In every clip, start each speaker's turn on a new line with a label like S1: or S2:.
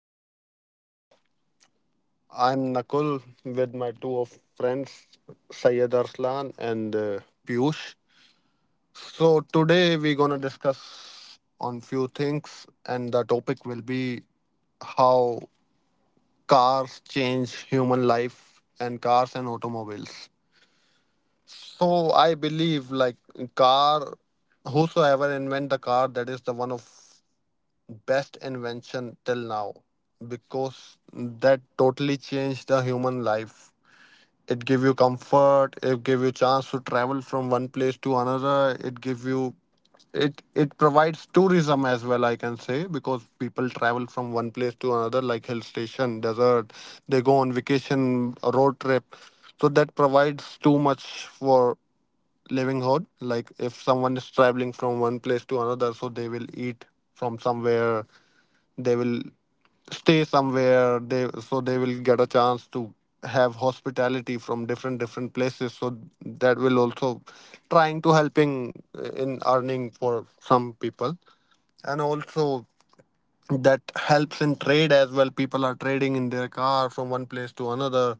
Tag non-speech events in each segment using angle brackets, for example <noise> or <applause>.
S1: everyone. I'm Nakul with my two of friends, Syed Arslan and Piyush. So today we're gonna discuss on few things, and the topic will be how cars change human life and cars and automobiles. So I believe like car, whosoever invent the car, that is the one of best invention till now because that totally changed the human life. It give you comfort, it give you chance to travel from one place to another, it give you, it provides tourism as well, I can say, because people travel from one place to another like hill station, desert. They go on vacation, a road trip. So that provides too much for living hood. Like if someone is traveling from one place to another, so they will eat from somewhere, they will stay somewhere, they so they will get a chance to have hospitality from different different places. So that will also trying to helping in earning for some people, and also that helps in trade as well. People are trading in their car from one place to another,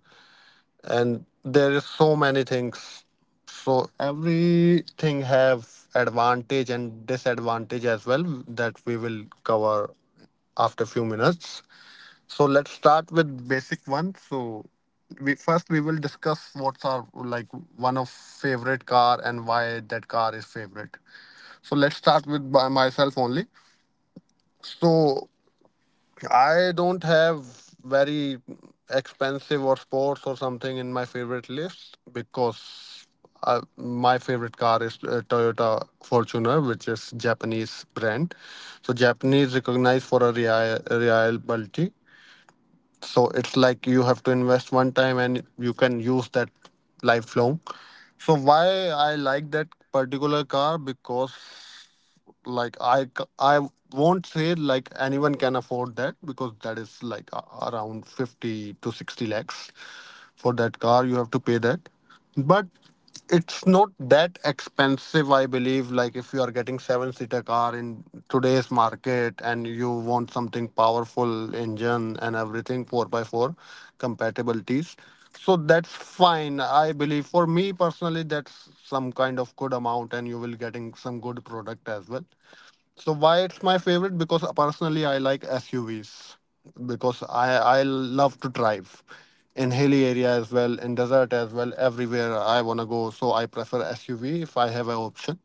S1: and there is so many things. So everything have advantage and disadvantage as well, that we will cover after few minutes. So let's start with basic one. So we first we will discuss what's our like one of favorite car and why that car is favorite. So let's start with by myself only. So I don't have very expensive or sports or something in my favorite list because my favorite car is Toyota Fortuner, which is Japanese brand. So Japanese recognized for a reliability. So it's like you have to invest one time and you can use that lifelong. So why I like that particular car? Because like I won't say like anyone can afford that because that is like around 50 to 60 lakhs for that car you have to pay that. But it's not that expensive, I believe. Like if you are getting seven seater car in today's market and you want something powerful engine and everything 4 by 4 compatibilities, so that's fine, I believe. For me personally, that's some kind of good amount and you will getting some good product as well. So why it's my favorite? Because personally, I like SUVs, because I love to drive in hilly area as well, in desert as well, everywhere I wanna go. So I prefer SUV if I have an option.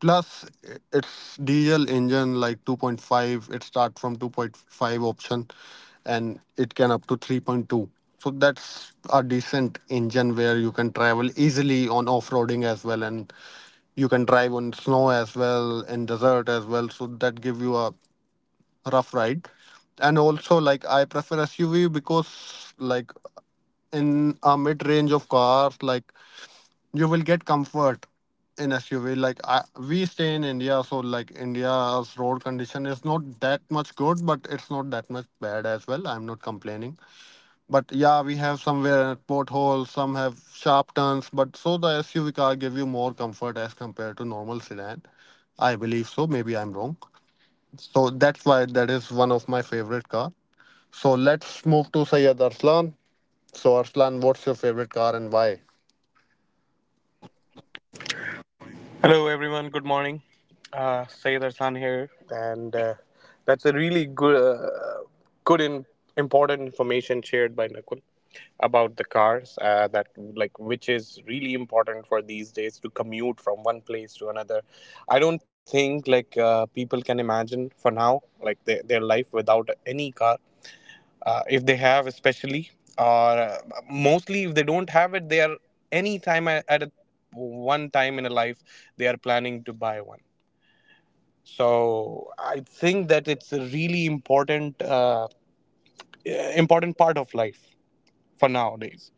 S1: Plus, it's diesel engine like 2.5. It start from 2.5 option, and it can up to 3.2. So that's a decent engine where you can travel easily on off-roading as well, and you can drive on snow as well, in desert as well. So that give you a rough ride. And also, like I prefer SUV because like in a mid range of cars, like you will get comfort in SUV. We stay in India, so like India's road condition is not that much good, but it's not that much bad as well. I'm not complaining. But yeah, we have somewhere potholes, some have sharp turns, but so the SUV car give you more comfort as compared to normal sedan. I believe so. Maybe I'm wrong. So that's why that is one of my favorite car. So let's move to Sayyid Arslan. So Arslan, what's your favorite car and why?
S2: Hello, everyone. Good morning. Sayed Arsan here, and that's a really good and important information shared by Nakul about the cars. That, like, which is really important for these days to commute from one place to another. I don't think, like, people can imagine for now like their life without any car, if they have, especially, or mostly if they don't have it. They are any time at a, one time in a life, they are planning to buy one. So I think that it's a really important, important part of life for nowadays.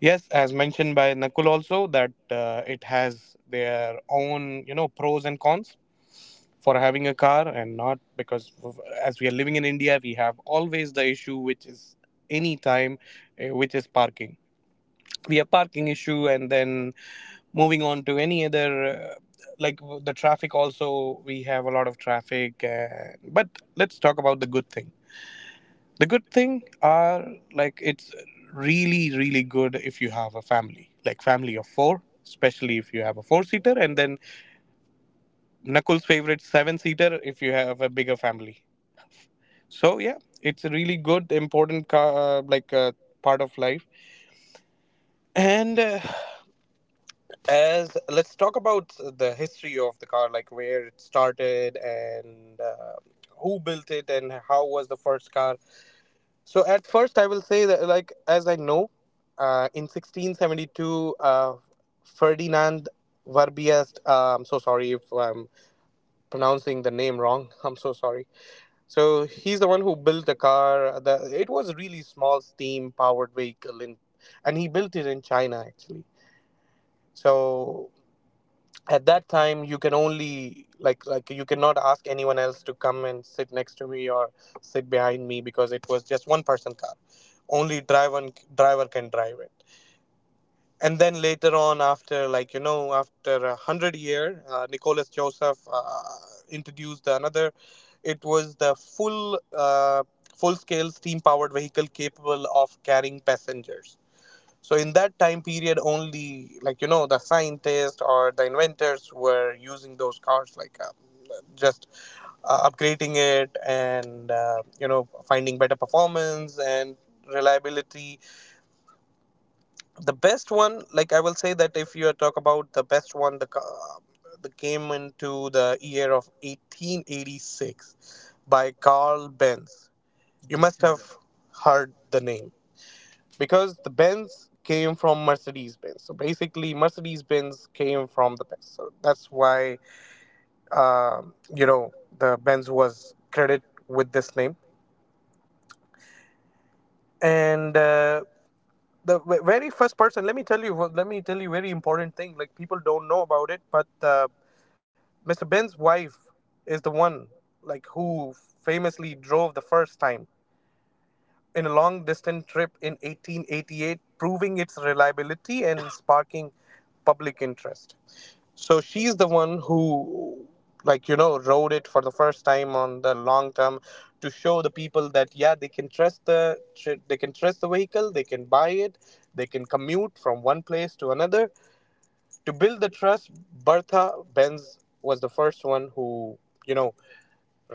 S2: Yes, as mentioned by Nakul also, that it has their own, you know, pros and cons for having a car and not, because as we are living in India, we have always the issue which is any time, which is parking. We have parking issue, and then moving on to any other, uh, like, the traffic also. We have a lot of traffic, but let's talk about the good thing. The good thing are like, it's really, really good if you have a family, like family of four, especially if you have a four seater, and then knuckles favorite seven seater if you have a bigger family. So yeah, it's a really good, important, like, part of life. And as, let's talk about the history of the car, like where it started, and who built it and how was the first car. So at first, I will say that, like, as I know, in 1672, Ferdinand Verbiest. I'm so sorry if I'm pronouncing the name wrong. <laughs> I'm so sorry. So he's the one who built the car. The, it was a really small steam powered vehicle, in, and he built it in China, actually. So at that time, you can only, like, you cannot ask anyone else to come and sit next to me or sit behind me, because it was just one person car. Only driver can drive it. And then later on, after, like, you know, after 100 year, Nicholas Joseph introduced another. It was the full, full scale steam powered vehicle capable of carrying passengers. So in that time period only, like, you know, the scientists or the inventors were using those cars, like, just upgrading it, and you know, finding better performance and reliability. The best one, like, I will say that, if you talk about the best one, the came into the year of 1886 by Carl Benz. You must, okay, have heard the name, because the Benz came from Mercedes Benz. So basically, Mercedes Benz came from the Benz. So that's why, you know, the Benz was credited with this name. And the very first person, let me tell you very important thing, like, people don't know about it, but Mr. Ben's wife is the one, like, who famously drove the first time in a long distance trip in 1888, proving its reliability and <laughs> sparking public interest. So she's the one who, like, you know, wrote it for the first time on the long term, to show the people that, yeah, they can trust they can trust the vehicle, they can buy it, they can commute from one place to another. To build the trust, Bertha Benz was the first one who, you know,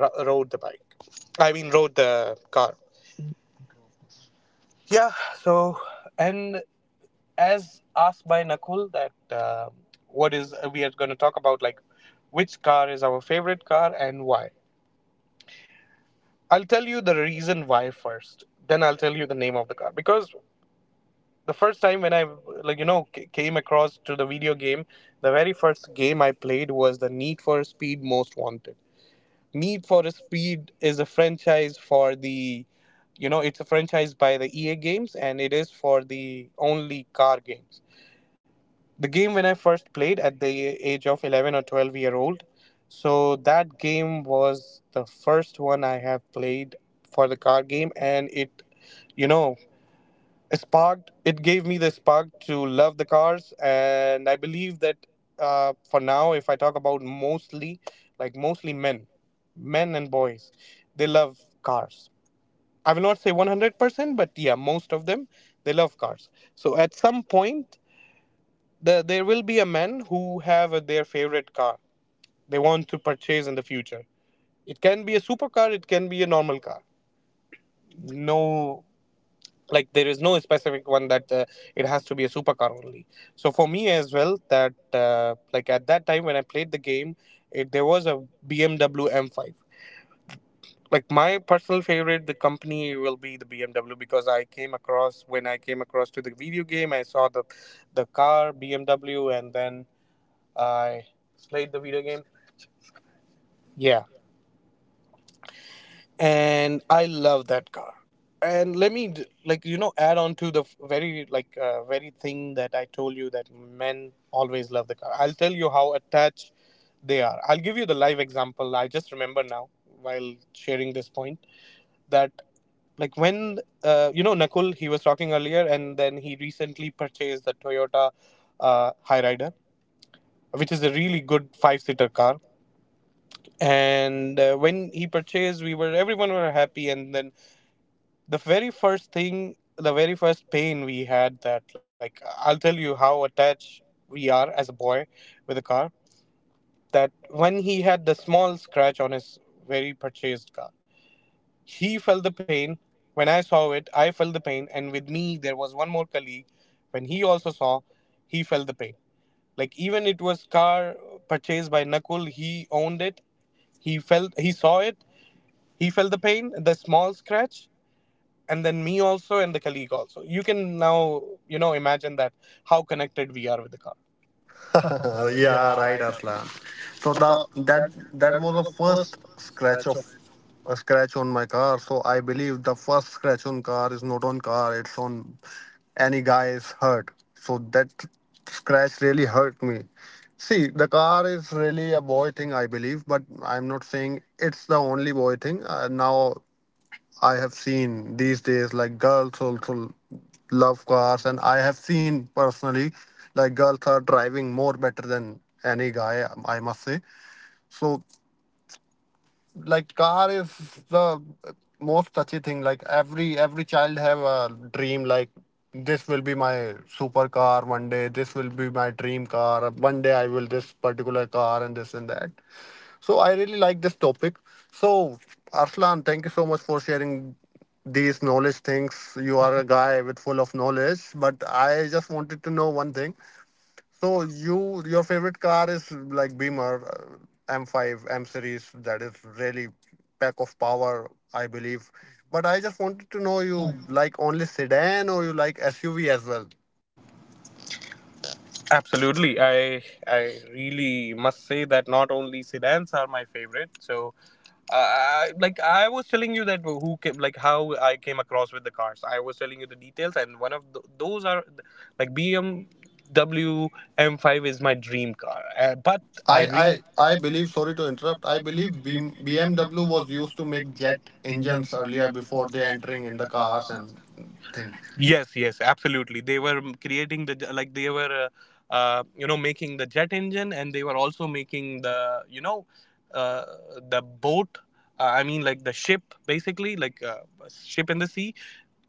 S2: rode the bike. I mean, rode the car. Yeah, so, and as asked by Nakul, that what is, we are going to talk about, like which car is our favorite car and why. I'll tell you the reason why first. Then I'll tell you the name of the car. Because the first time when I, like, you know, came across to the video game, the very first game I played was the Need for Speed Most Wanted. Need for Speed is a franchise for the, you know, it's a franchise by the EA games, and it is for the only car games. The game, when I first played at the age of 11 or 12-year-old. So that game was the first one I have played for the car game, and it, you know, sparked, it gave me the spark to love the cars. And I believe that, for now, if I talk about mostly, like, mostly men, men and boys, they love cars. I will not say 100%, but yeah, most of them they love cars. So at some point, the, there will be a men who have their favorite car they want to purchase in the future. It can be a supercar, it can be a normal car. No, like, there is no specific one that it has to be a supercar only. So for me as well, that like, at that time when I played the game, it, there was a BMW M5. Like, my personal favorite, the company will be the BMW, because I came across to the video game, I saw the car BMW, and then I played the video game. Yeah, and I love that car. And let me like, you know, add on to the very, like, very thing that I told you, that men always love the car. I'll tell you how attached they are. I'll give you the live example. I just remember now, while sharing this point, that, like, when you know, Nakul, he was talking earlier, and then he recently purchased the Toyota Hyryder, which is a really good 5 seater car. And when he purchased, we were, everyone were happy. And then the very first thing, the very first pain we had, that, like, I'll tell you how attached we are as a boy with a car. That when he had the small scratch on his very purchased car, he felt the pain. When I saw it, I felt the pain. And with me there was one more colleague. When he also saw, he felt the pain. Like, even it was car purchased by Nakul, he owned it, he felt, he saw it, he felt the pain, the small scratch. And then me also, and the colleague also. You can now, you know, imagine that how connected we are with the car.
S1: <laughs>
S2: <laughs>
S1: Yeah,
S2: Yeah,
S1: right,
S2: right. After.
S1: Arslan. So
S2: So
S1: the
S2: that,
S1: that
S2: that,
S1: that
S2: that
S1: was
S2: was the
S1: the
S2: first
S1: first scratch
S2: scratch of.
S1: of
S2: It.
S1: a scratch on my car. So I believe the first scratch on car is not on car; it's on any guy's hurt. So that scratch really hurt me. See, the car is really a boy thing, I believe, but I'm not saying it's the only boy thing. Now I have seen these days like girls also love cars, and I have seen personally like girls are driving more better than any guy, I must say. So like car is the most touchy thing. Like every child have a dream like this will be my super car one day. This will be my dream car. One day I will this particular car and this and that. So I really like this topic. So Arslan, thank you so much for sharing these knowledge things. You are a guy with full of knowledge, but I just wanted to know one thing. So you, your favorite car is like Beamer, M5, M series. That is really pack of power, I believe. But I just wanted to know
S2: How you?
S1: you like only sedan or you like SUV as well.
S2: Absolutely, I really must say that not only sedans are my favorite. So, I, like, I was telling you that who came, like how I came across with the cars. I was telling you the details, and one of th those are, like, BMW M5 is my dream car. But
S1: I, I
S2: really,
S1: I believe,
S2: believe,
S1: sorry
S2: sorry
S1: to
S2: to
S1: interrupt,
S2: interrupt,
S1: I
S2: I believe
S1: believe
S2: BM
S1: BM,
S2: BMW was
S1: was used
S2: used
S1: to
S2: to
S1: make
S2: make
S1: jet
S2: jet
S1: engines
S2: engines
S1: earlier
S2: earlier
S1: before
S2: before
S1: they
S2: they
S1: entering
S2: entering
S1: in
S2: in
S1: the
S2: the
S1: cars
S2: cars and
S1: and things.
S2: things. Yes, yes, absolutely. They were creating the like, they were, you know, making the jet engine, and they were also making the, you know, uh, the boat. I mean, like, the ship, basically, like, a ship in the sea.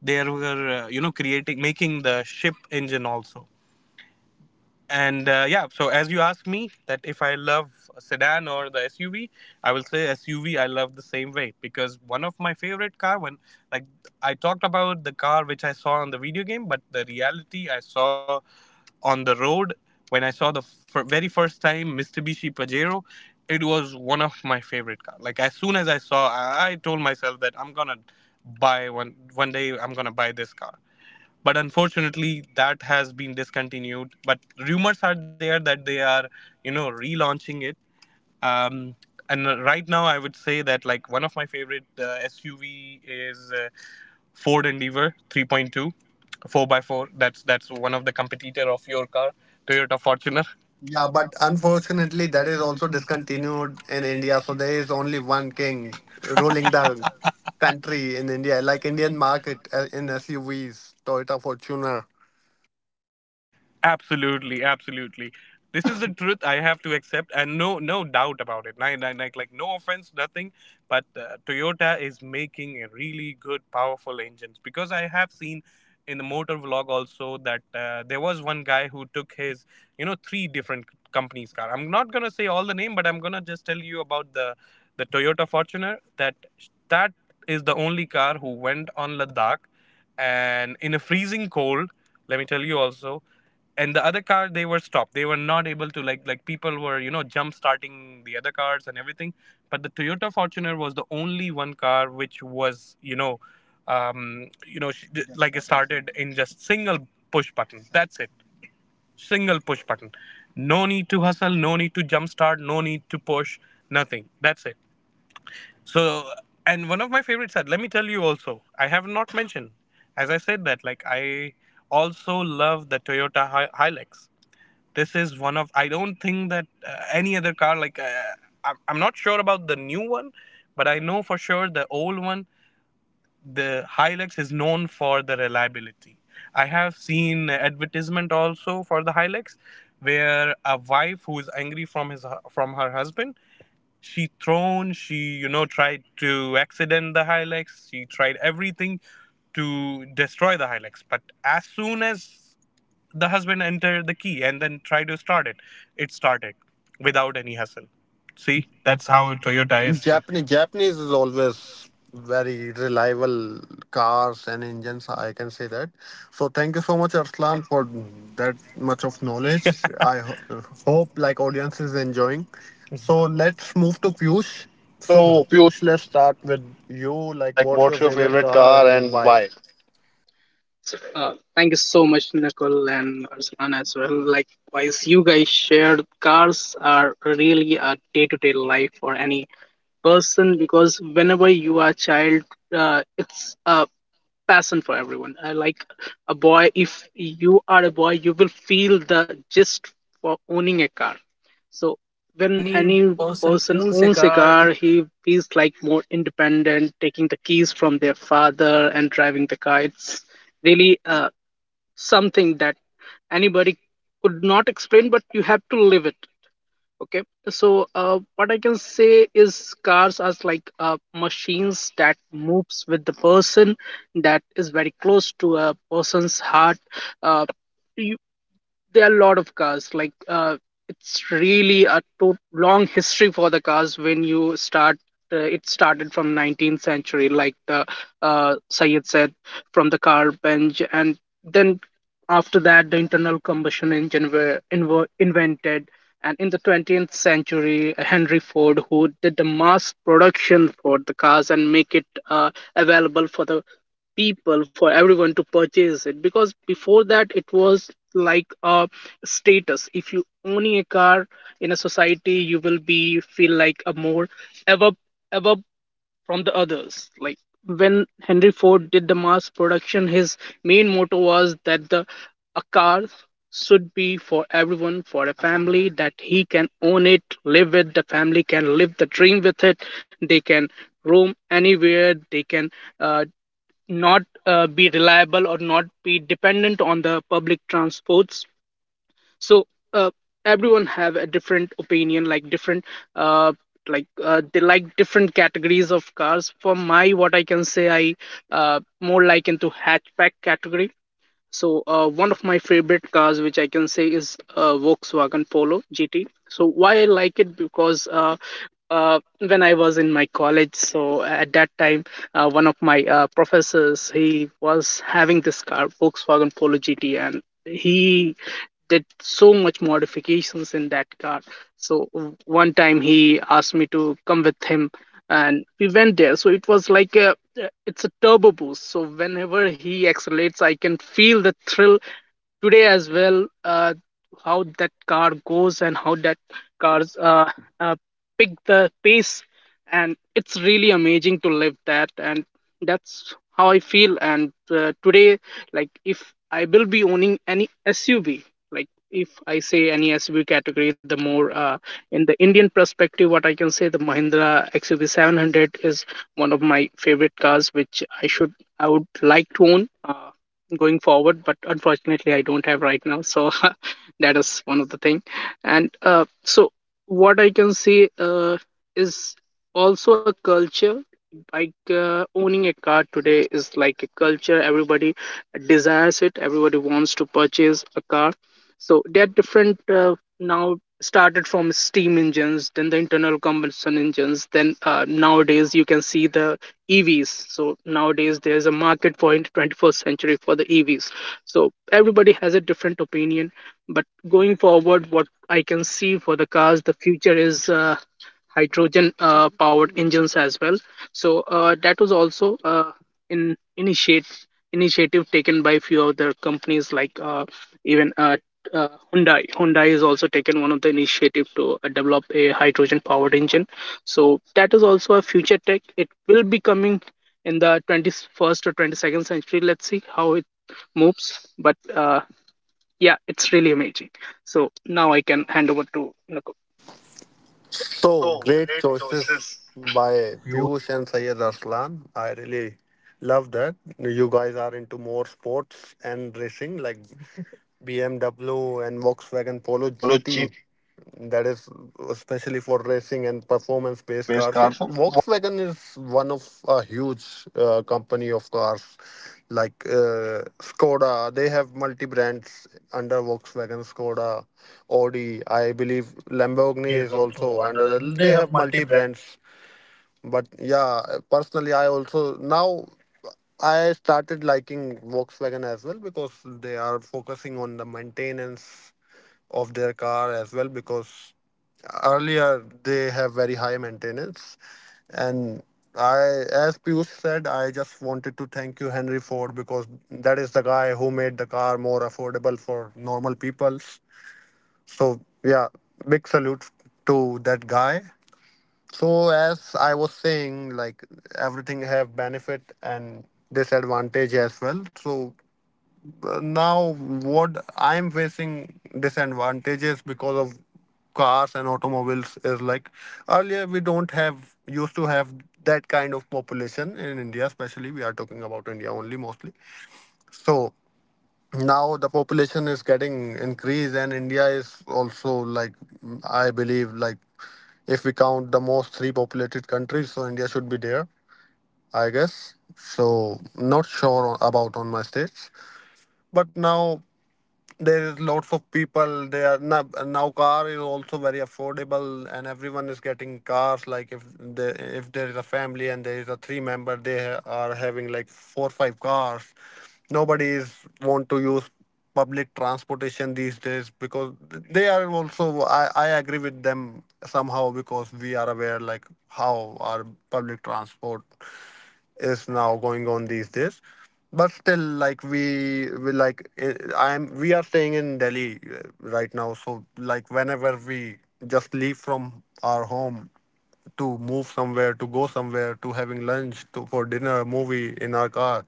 S2: They were, you know, creating, making the ship engine also. And yeah, so as you asked me, that if I love a sedan or the SUV, I will say SUV I love the same way, because one of my favorite car, when, like, I talked about the car which I saw on the video game, but the reality I saw on the road, when I saw the very first time Mitsubishi Pajero, it was one of my favorite car. Like, as soon as I saw, I told myself that I'm gonna buy one. One day I'm gonna buy this car. But unfortunately, that has been discontinued. But rumors are there that they are, you know, relaunching it. um, and right now I would say that, like, one of my favorite SUV is, Ford Endeavor 3.2 4x4. That's one of the competitor of your car, Toyota Fortuner.
S1: Yeah,
S2: Yeah, but
S1: but unfortunately,
S2: unfortunately,
S1: that
S2: that
S1: is
S2: is
S1: also
S2: also
S1: discontinued
S2: discontinued
S1: in
S2: in India.
S1: India. So
S2: So
S1: there
S2: there
S1: is
S2: is
S1: only
S2: only one
S1: one
S2: king
S1: king ruling
S2: ruling the
S1: the
S2: <laughs> country
S1: country in
S2: in
S1: India,
S2: India,
S1: like
S2: like,
S1: Indian
S2: Indian
S1: market
S2: market.
S1: in
S2: In.
S1: SUVs, Toyota Fortuner.
S2: Absolutely, absolutely. This is the <laughs> truth I have to accept, and no, no doubt about it. Like, no offense, nothing. But Toyota is making a really good, powerful engines. Because I have seen in the motor vlog also that there was one guy who took his, you know, three different companies' car. I'm not gonna say all the name, but I'm gonna just tell you about the Toyota Fortuner. That is the only car who went on Ladakh, and in a freezing cold. Let me tell you also, and the other car, they were stopped, they were not able to, like people were, jump starting the other cars and everything. But the Toyota Fortuner was the only one car which was, um like, it started in just single push button, that's it. Single push button, no need to hustle, no need to jump start, no need to push, nothing, that's it. So, and one of my favorites, let me tell you also, I have not mentioned, as I said that, like, I also love the Toyota Hilux. This is one of, I don't think that any other car, I'm not sure about the new one, but I know for sure the old one, the Hilux is known for the reliability. I have seen advertisement also for the Hilux where a wife who is angry from his from her husband, she tried to accident the Hilux, she tried everything to destroy the Hilux. But as soon as the husband entered the key and then tried to start it, it started without any hustle. See,
S1: See,
S2: that's
S1: that's
S2: how
S1: how Toyota
S2: Toyota
S1: is.
S2: is. Japanese,
S1: Japanese
S2: Japanese
S1: is
S2: is always
S1: always
S2: very
S1: very reliable cars and engines, I can say that. So thank you so much, Arslan, for
S2: good. That
S1: that much
S2: much
S1: of
S2: of knowledge.
S1: knowledge.
S2: <laughs> I
S1: I ho- Hope
S2: hope
S1: like
S2: like
S1: audience
S2: audience
S1: is
S2: is enjoying.
S1: enjoying.
S2: So
S1: So let's
S2: let's
S1: move
S2: move
S1: to
S2: to Piyush.
S1: Piyush.
S2: So
S1: So
S3: So, Pure,
S1: Piyush,
S2: Piyush,
S1: let's
S2: let's start
S1: start
S2: with
S1: with you.
S3: you
S1: Like,
S3: like
S1: what's your
S3: what's your
S1: favorite
S3: favorite
S1: car
S3: car
S1: and
S3: and
S1: why?
S3: why? Thank you so much, Nicole and Arsalan as well. Likewise, you guys shared, cars are really a day-to-day life for any person. Because whenever you are a child, it's a passion for everyone, like a boy, if you are a boy you will feel the gist for owning a car. So when
S1: Any
S3: any
S1: person
S3: person
S1: owns a
S3: owns a
S1: car,
S3: car he feels like more independent, taking the keys from their father and driving the car. It's really something that anybody could not explain, but you have to live it. Okay, so what I can say is, cars as like machines that moves with the person, that is very close to a person's heart. uh, you, there are a lot of cars like it's really a long history for the cars. When you start, it started from 19th century, like the Sayed said, from the car bench, and then after that the internal combustion engine were invented. And in the 20th century, Henry Ford, who did the mass production for the cars and make it available for the people, for everyone to purchase it, because before that it was like a status. If you own a car in a society you will be feel like a more above above from the others. Like, when Henry Ford did the mass production, his main motto was that the a car should be for everyone, for a family, that he can own it, live with the family, can live the dream with it. They can roam anywhere, they can uh, not be reliable or not be dependent on the public transports. So uh, everyone have a different opinion, like different, uh, they like different categories of cars. For my, what I can say, I more like into hatchback category. So one of my favorite cars which I can say is Volkswagen Polo GT. So why I like it, because when I was in my college, so at that time one of my professors, he was having this car, Volkswagen Polo GT, and he did so much modifications in that car. So one time he asked me to come with him and we went there. So it was like a, it's a turbo boost, so whenever he accelerates I can feel the thrill today as well, how that car goes and how that cars uh, pick the pace. And it's really amazing to live that. And that's how I feel. And today, like, if I will be owning any SUV, like, if I say any SUV category, the more in the Indian perspective, what I can say, the Mahindra XUV 700 is one of my favorite cars which I would like to own, going forward. But unfortunately I don't have right now, so <laughs> that is one of the thing. And so what I can see is also a culture. Like, owning a car today is like a culture, everybody desires it, everybody wants to purchase a car. So they're different, now, started from steam engines, then the internal combustion engines, then nowadays you can see the EVs. So nowadays there's a market for, in 21st century, for the EVs. So everybody has a different opinion, but going forward, what I can see for the cars, the future is hydrogen powered engines as well. So that was also in initiate initiative taken by few other companies, like even uh, Hyundai. Hyundai has also taken one of the initiative to develop a hydrogen powered engine. So that is also a future tech. It will be coming in the 21st or 22nd century. Let's see how it moves. But yeah, it's really amazing. So now I can hand over to Nakul.
S1: so
S3: So
S1: great
S3: great choices.
S1: choices by
S2: Piyush.
S1: Piyush and Syed Arslan. I really love that. You guys are into more sports and racing like BMW and Volkswagen
S3: Volkswagen
S1: Polo
S3: Polo G
S1: GT. That is especially for racing and performance
S3: performance
S1: based
S3: based
S1: cars.
S3: car.
S1: So
S3: So,
S1: Volkswagen is one of a huge company of cars, like Skoda. They have multi brands under Volkswagen, Skoda, Audi, I believe Lamborghini is
S2: Is
S1: also
S2: also
S1: under the,
S2: under.
S1: they
S2: They
S1: have
S2: have
S1: multi
S2: multi brand
S1: brands. But yeah, personally I also now I started liking Volkswagen as well because they are focusing on the maintenance of their car as well, because earlier they have very high maintenance. And i, as Piyush said, I just wanted to thank you Henry Ford because that is the guy who made the car more affordable for normal people. So yeah, big salute to that guy. So as I was saying, like everything have benefit and disadvantage as well. So now what I'm facing disadvantages because of cars and automobiles is like earlier we don't have used to have that kind of population in India, especially we are talking about India only mostly. So now the population is getting increased and India is also like I believe like if we count the most three populated countries, so India should be there, I guess. So not sure about on my states, but now there is lots of people. They are now, now car is also very affordable and everyone is getting cars. Like if there is a family and there is a three member, they are having like four five cars. Nobody is want to use public transportation these days because they are also, I agree with them somehow, because we are aware like how our public transport is now going on these days. But still, like we like I'm we are staying in Delhi right now. So like whenever we just leave from our home to move somewhere, to go somewhere, to having lunch, to for dinner, movie in our car.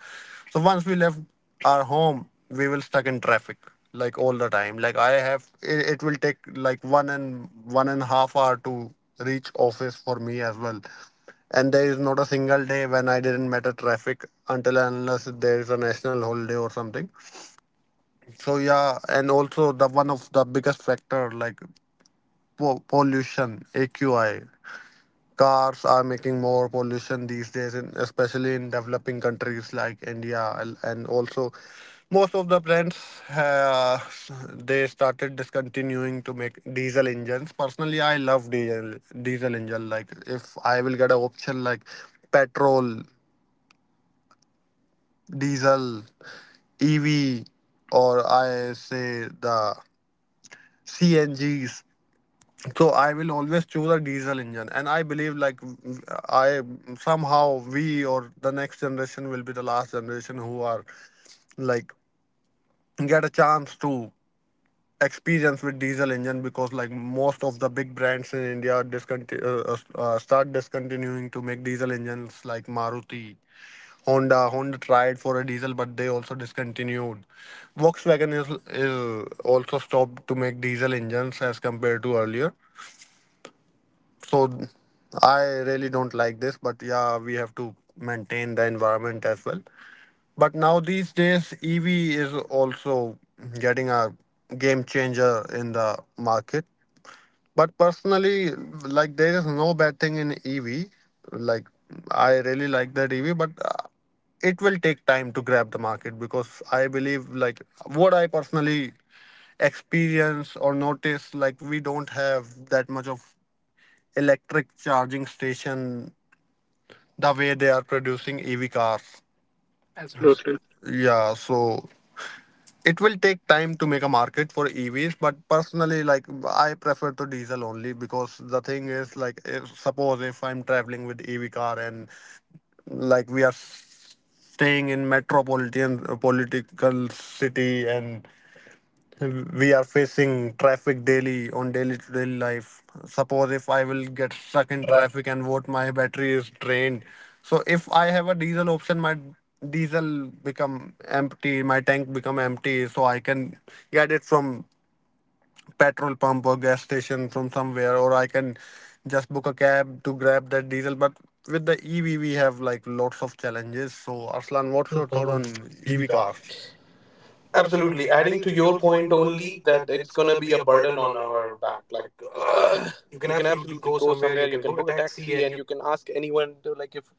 S1: So once we left our home, we will stuck in traffic like all the time. Like I have, it will take like one and one and a half hour to reach office for me as well. And there is not a single day when I didn't matter traffic until and unless there is a national holiday or something. So yeah, and also the one of the biggest factor like pollution, AQI. Cars are making more pollution these days, in, especially in developing countries like India, and also most of the brands uh, they started discontinuing to make diesel engines. Personally, I love diesel engine. Like if I will get an option like petrol, diesel, EV, or I say the CNGs. So I will always choose a diesel engine, and I believe like w- I somehow we or the next generation will be the last generation who are like get a chance to experience with diesel engine, because like most of the big brands in India discontinue start discontinuing to make diesel engines like Maruti, Honda. Honda tried for a diesel, but they also discontinued. Volkswagen is also stopped to make diesel engines as compared to earlier. So I really don't like this, but yeah, we have to maintain the environment as well. But now these days, EV is also getting a game changer in the market. But personally, like there is no bad thing in EV. Like I really like that EV, but it will take time to grab the market, because I believe like what I personally experience or notice, like we don't have that much of electric charging station the way they are producing EV cars as well.
S3: absolutely.
S1: Yeah, so it will take time to make a market for EVs. But personally, like I prefer to diesel only because the thing is like if, suppose if I'm traveling with EV car and like we are staying in metropolitan political city and we are facing traffic daily on daily to daily life, suppose if I will get stuck
S2: and
S1: in
S2: traffic.
S1: traffic and what my battery is drained. So if I have a diesel option, my diesel become empty, my tank become empty, so I can get it from petrol pump or gas station from somewhere, or I can just book a cab to grab that diesel. But with the EV we have like lots of challenges. So Arslan,
S2: What's
S1: what's
S2: your
S1: your
S2: thought
S1: thought
S2: on
S1: on
S2: EV
S1: EV
S2: car?
S1: cars?
S2: Absolutely.
S1: Absolutely.
S2: Adding
S1: Adding
S2: to
S1: to
S2: your
S1: your
S2: point
S1: point
S2: only
S1: only
S2: that
S1: that
S2: it's
S1: it's going
S2: gonna
S1: to
S2: be
S1: be
S2: a
S1: a
S2: burden
S1: burden
S2: on
S1: on
S2: our
S1: our,
S2: back.
S1: like,
S2: You
S1: you
S2: can
S1: can
S2: absolutely
S1: absolutely
S2: go
S1: go
S2: somewhere,
S1: somewhere,
S2: you
S1: you
S2: can
S1: can
S2: book
S1: book
S2: a
S1: a taxi,
S2: taxi, and
S1: and
S2: you can ask anyone to, like, if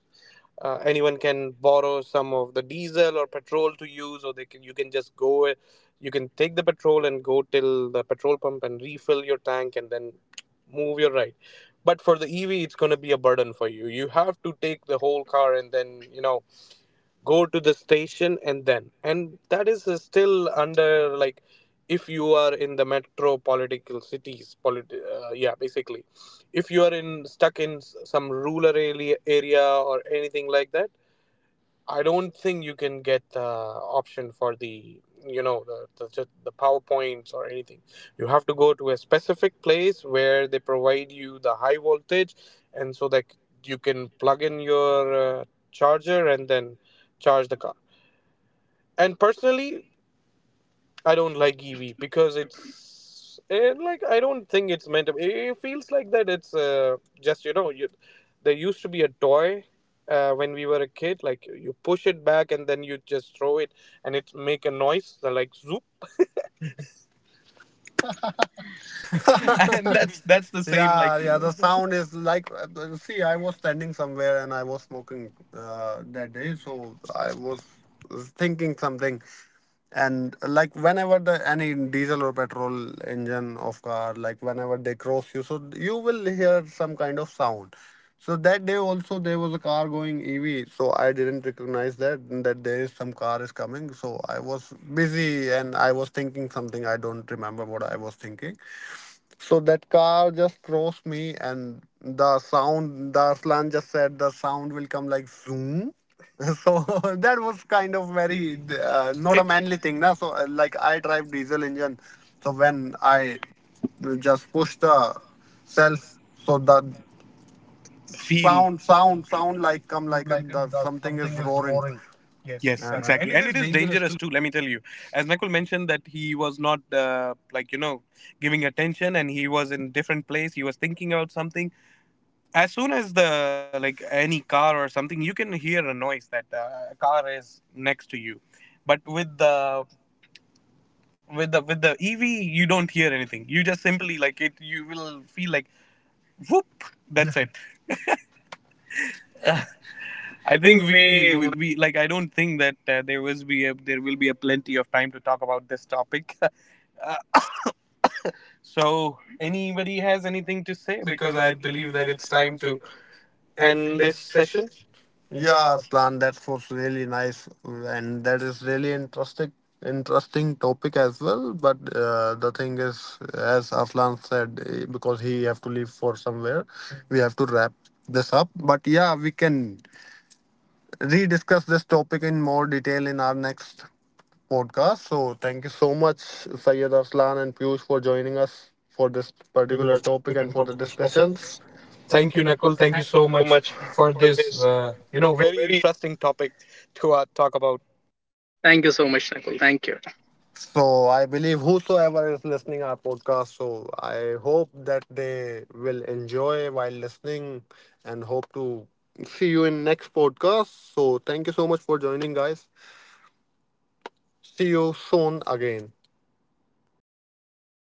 S2: anyone can borrow some of the diesel or petrol to use, or they can, you can just go, you can take the petrol and go till the petrol pump and refill your tank and then move your ride. But for the EV, it's gonna be a burden for you. You have to take the whole car and then, go to the station. And then, and that is still under, like, if you are in the metropolitan cities, yeah, basically, if you are in stuck in some rural area or anything like that, I don't think you can get the option for, the the powerpoints or anything. You have to go to a specific place where they provide you the high voltage, and so that you can plug in your charger and then charge the car. And personally, I don't like Eevee because like, I don't think it's meant to. It feels like that it's just, there used to be a toy when we were a kid. Like, you push it back and then you just throw it and it make a noise, like, zoop. <laughs>
S1: you. <laughs>
S2: That's
S1: That's the
S2: the
S1: same.
S2: same. Yeah, like,
S1: Yeah, like
S2: yeah,
S1: yeah, the
S2: the
S1: sound
S2: sound is
S1: is like.
S2: like. See,
S1: See,
S2: I
S1: I
S2: was
S1: was standing
S2: standing
S1: somewhere
S2: somewhere
S1: and
S2: and
S1: I
S2: I was
S1: was
S2: smoking
S1: smoking that
S2: that day,
S1: day,
S2: so
S1: so
S2: I
S1: I
S2: was
S1: was thinking something. And like whenever the any diesel or petrol engine of car, like whenever they cross you, so you will hear some kind of sound. So that day also there was a car going EV, so I didn't recognize that that there is some car is coming. So I was busy and I was thinking something. I don't remember what I was thinking. So that car just crossed me, and the sound, the Arslan just said the sound will come like zoom. <laughs> So <laughs> that was kind of
S2: very,
S1: very
S2: not
S1: not
S2: a,
S1: a
S2: it's
S1: manly
S2: manly
S1: thing,
S2: thing,
S1: na.
S2: na. So
S1: So
S2: uh, like,
S1: like
S2: I
S1: I
S2: drive
S1: drive diesel
S2: diesel engine,
S1: engine,
S2: so
S1: so
S2: when
S1: when
S2: I,
S1: I
S2: you just
S1: just
S2: push
S1: push the
S2: the
S1: self,
S2: self, so
S1: so the
S2: that feel sound, sound,
S1: sound
S2: sound,
S1: like
S2: like,
S1: come
S2: come
S1: like
S2: like it
S1: the
S2: does.
S1: something
S2: Something
S1: is
S2: is
S1: roaring.
S2: roaring.
S1: Yes,
S2: Yes, yeah,
S1: Exactly.
S2: exactly.
S1: And
S2: And
S1: it
S2: it
S1: is
S2: is
S1: dangerous
S2: dangerous
S1: to
S2: too, let me tell you. As Nakul mentioned that he was not, like, you know, giving attention, and he was in different place, he was thinking about something. As soon as the, like, any car or something, you can hear a noise that a car is next to you. But with the with the EV, you don't hear anything. You just simply, like, it, you will feel like, whoop, that's it. I think we like, I don't think that there was be a, there will be a plenty of time to talk about this topic. <laughs> So anybody has anything to
S1: say
S2: say?
S1: because
S2: Because
S1: I
S2: I
S1: believe
S2: believe
S1: that
S2: that
S1: it's
S2: it's
S1: time
S2: time
S1: to
S2: to
S1: end
S2: end
S1: this.
S2: this session.
S1: Yeah,
S2: Yeah,
S1: Aslan, that was really nice, and that is really interesting, interesting topic as well. But the thing is, as Aslan said, because he have to leave for somewhere, we have to wrap this up. But yeah, we can rediscuss this topic in more detail in our next podcast. So thank you so much, Sayed Aslan and Piyush, for joining us for this particular
S2: particular
S1: topic
S2: topic
S1: and
S2: and
S1: for
S2: for
S1: the
S2: the
S1: discussion.
S2: discussions. Thank
S1: Thank you,
S2: you, Nakul,
S1: Nakul.
S3: Well,
S1: Thank
S2: thank
S1: you
S3: thank
S2: you
S3: thank you
S2: so
S1: so
S3: so
S2: much
S1: much
S3: much
S2: for
S1: for
S3: for
S2: this,
S1: this,
S3: this,
S2: uh,
S1: you
S2: you know,
S1: know,
S2: very
S3: very
S2: interesting topic to talk about.
S3: thank you so much, Nakul. Thank you.
S1: so I believe whosoever is listening our podcast, so I hope that they will enjoy while listening, and hope to see you in next podcast. So thank you so much for joining guys. See you soon again.
S2: Bye.